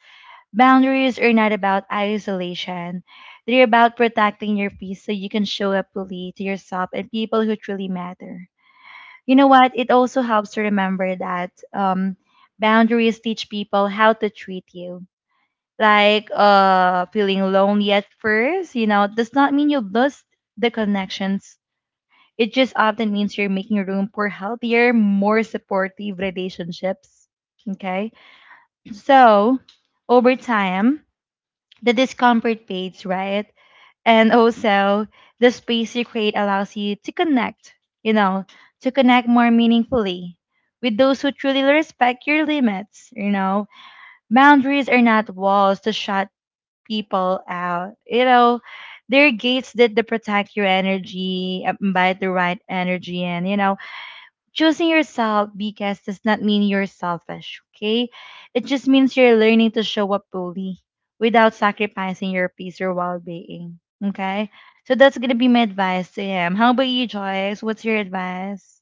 boundaries are not about isolation. They're about protecting your peace so you can show up fully to yourself and people who truly matter. You know what? It also helps to remember that boundaries teach people how to treat you. Like feeling lonely at first, you know, does not mean you lost the connections, it just often means you're making room for healthier, more supportive relationships. Okay. So over time, the discomfort fades, right? And also, the space you create allows you to connect, you know, to connect more meaningfully with those who truly respect your limits, you know. Boundaries are not walls to shut people out, you know. They're gates that, that protect your energy, invite the right energy in, you know, choosing yourself because does not mean you're selfish, okay? It just means you're learning to show up fully without sacrificing your peace or well being. Okay? So that's gonna be my advice to him. How about you, Joyce? What's your advice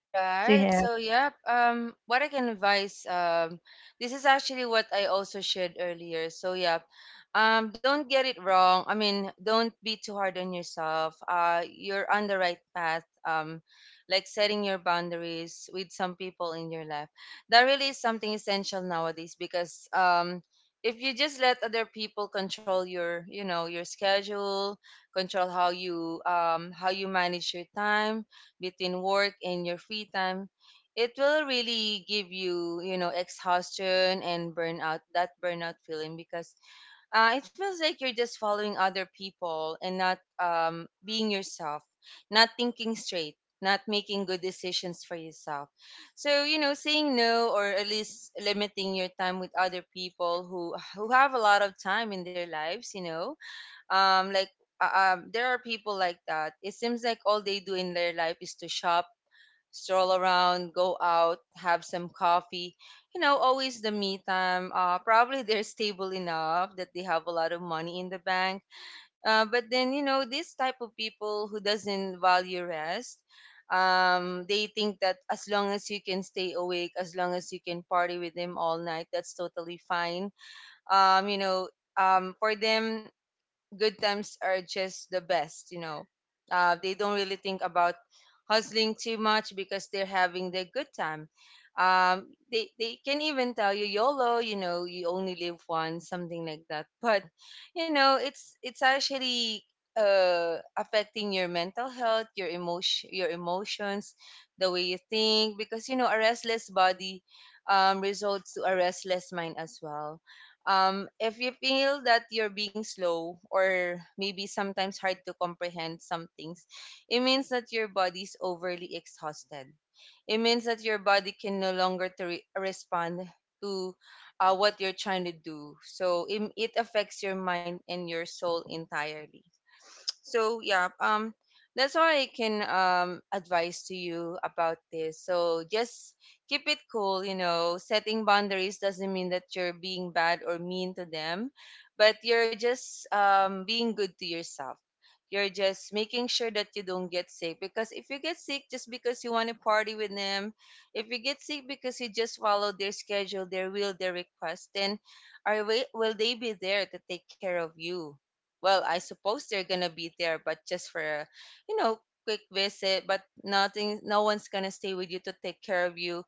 All
to
right.
him?
So, yep. What I can advise, this is actually what I also shared earlier. So, yep. Don't get it wrong. I mean, don't be too hard on yourself. You're on the right path. Like setting your boundaries with some people in your life. That really is something essential nowadays because if you just let other people control your, you know, your schedule, control how you manage your time between work and your free time, it will really give you, you know, exhaustion and burnout, that burnout feeling because it feels like you're just following other people and not being yourself, not thinking straight, not making good decisions for yourself. So, you know, saying no or at least limiting your time with other people who have a lot of time in their lives, you know, um like there are people like that. It seems like all they do in their life is to shop, stroll around, go out, have some coffee. You know, always the me time. Probably they're stable enough that they have a lot of money in the bank. But then, you know, this type of people who doesn't value rest, they think that as long as you can stay awake, as long as you can party with them all night, that's totally fine. um you know for them, good times are just the best, you know. They don't really think about hustling too much because they're having their good time. Um, they can even tell you YOLO, you know, you only live once, something like that. But, you know, it's actually affecting your mental health, your emotion, your emotions, the way you think, because you know a restless body results to a restless mind as well. If you feel that you're being slow or maybe sometimes hard to comprehend some things, it means that your body's overly exhausted. It means that your body can no longer to respond to what you're trying to do. So it affects your mind and your soul entirely. So yeah, that's all I can advise to you about this. So just keep it cool. You know, setting boundaries doesn't mean that you're being bad or mean to them, but you're just being good to yourself. You're just making sure that you don't get sick because if you get sick just because you want to party with them, if you get sick because you just follow their schedule, their will, their request, then will they be there to take care of you? Well, I suppose they're gonna be there, but just for you know, quick visit. But nothing, no one's gonna stay with you to take care of you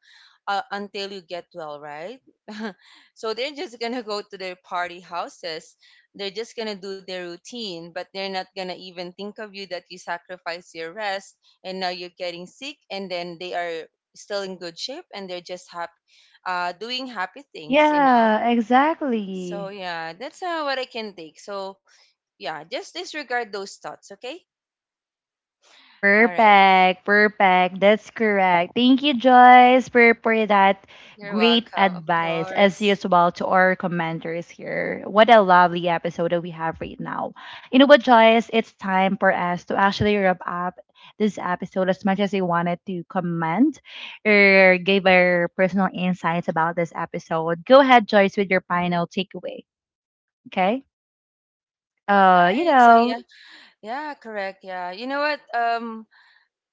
until you get well, right? So they're just gonna go to their party houses. They're just gonna do their routine, but they're not gonna even think of you, that you sacrifice your rest and now you're getting sick, and then they are still in good shape and they're just happy, doing happy things, you know.
Yeah,
So
exactly.
yeah, that's what I can take. So yeah, just disregard those thoughts, okay? All right.
Perfect, perfect. That's correct. Thank you, Joyce, for that
You're
great
welcome, of
advice, as
course.
usual, to our commenters here. What a lovely episode that we have right now. You know what, Joyce? It's time for us to actually wrap up this episode as much as we wanted to comment or give our personal insights about this episode. Go ahead, Joyce, with your final takeaway. Okay?
All
You
right. So
know,
yeah, correct. Yeah. You know what? Um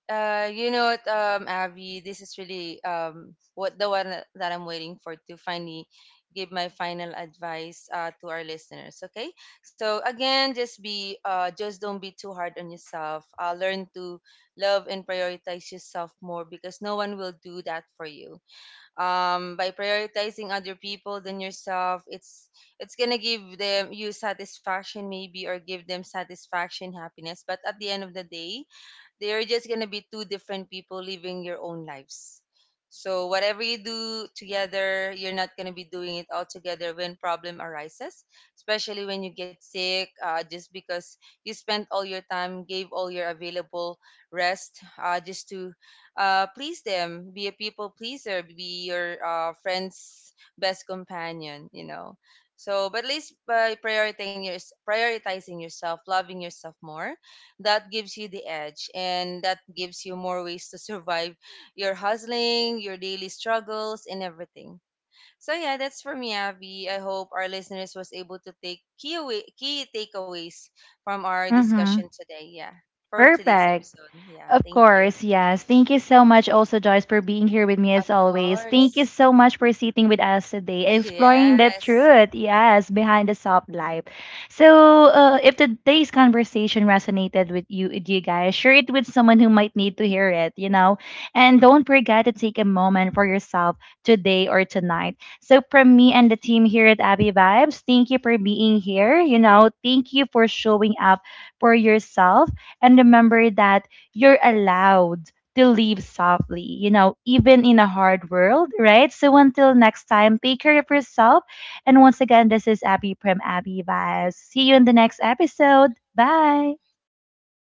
uh you know what, um Abby, this is really what the one that I'm waiting for to finally give my final advice to our listeners, okay? So again, just be just don't be too hard on yourself. Uh, learn to love and prioritize yourself more because no one will do that for you. By prioritizing other people than yourself, it's gonna give them you satisfaction, maybe, or give them satisfaction, happiness, but at the end of the day, they're just gonna be two different people living your own lives. So whatever you do together, you're not gonna be doing it all together when problem arises, especially when you get sick, just because you spent all your time, gave all your available rest, just to please them, be a people pleaser, be your friend's best companion, you know. So, but at least by prioritizing yourself, loving yourself more, that gives you the edge and that gives you more ways to survive your hustling, your daily struggles and everything. So yeah, that's for me, Abby. I hope our listeners was able to key takeaways from our
mm-hmm.
discussion today. Yeah. For today's
Perfect.
episode. Yeah,
Of
thank you.
course, yes. Thank you so much also, Joyce, for being here with me
Of
as always. Thank you
course.
so much for sitting with us today, exploring the
Yes.
truth, yes, behind the soft life. So, if today's conversation resonated with you guys, share it with someone who might need to hear it, you know? And don't forget to take a moment for yourself today or tonight. So, from me and the team here at Abby Vibes, thank you for being here, you know? Thank you for showing up for yourself. And remember that you're allowed to leave softly, you know, even in a hard world, right? So until next time, take care of yourself. And once again, this is Abby from Abby Vibes. See you in the next episode. Bye.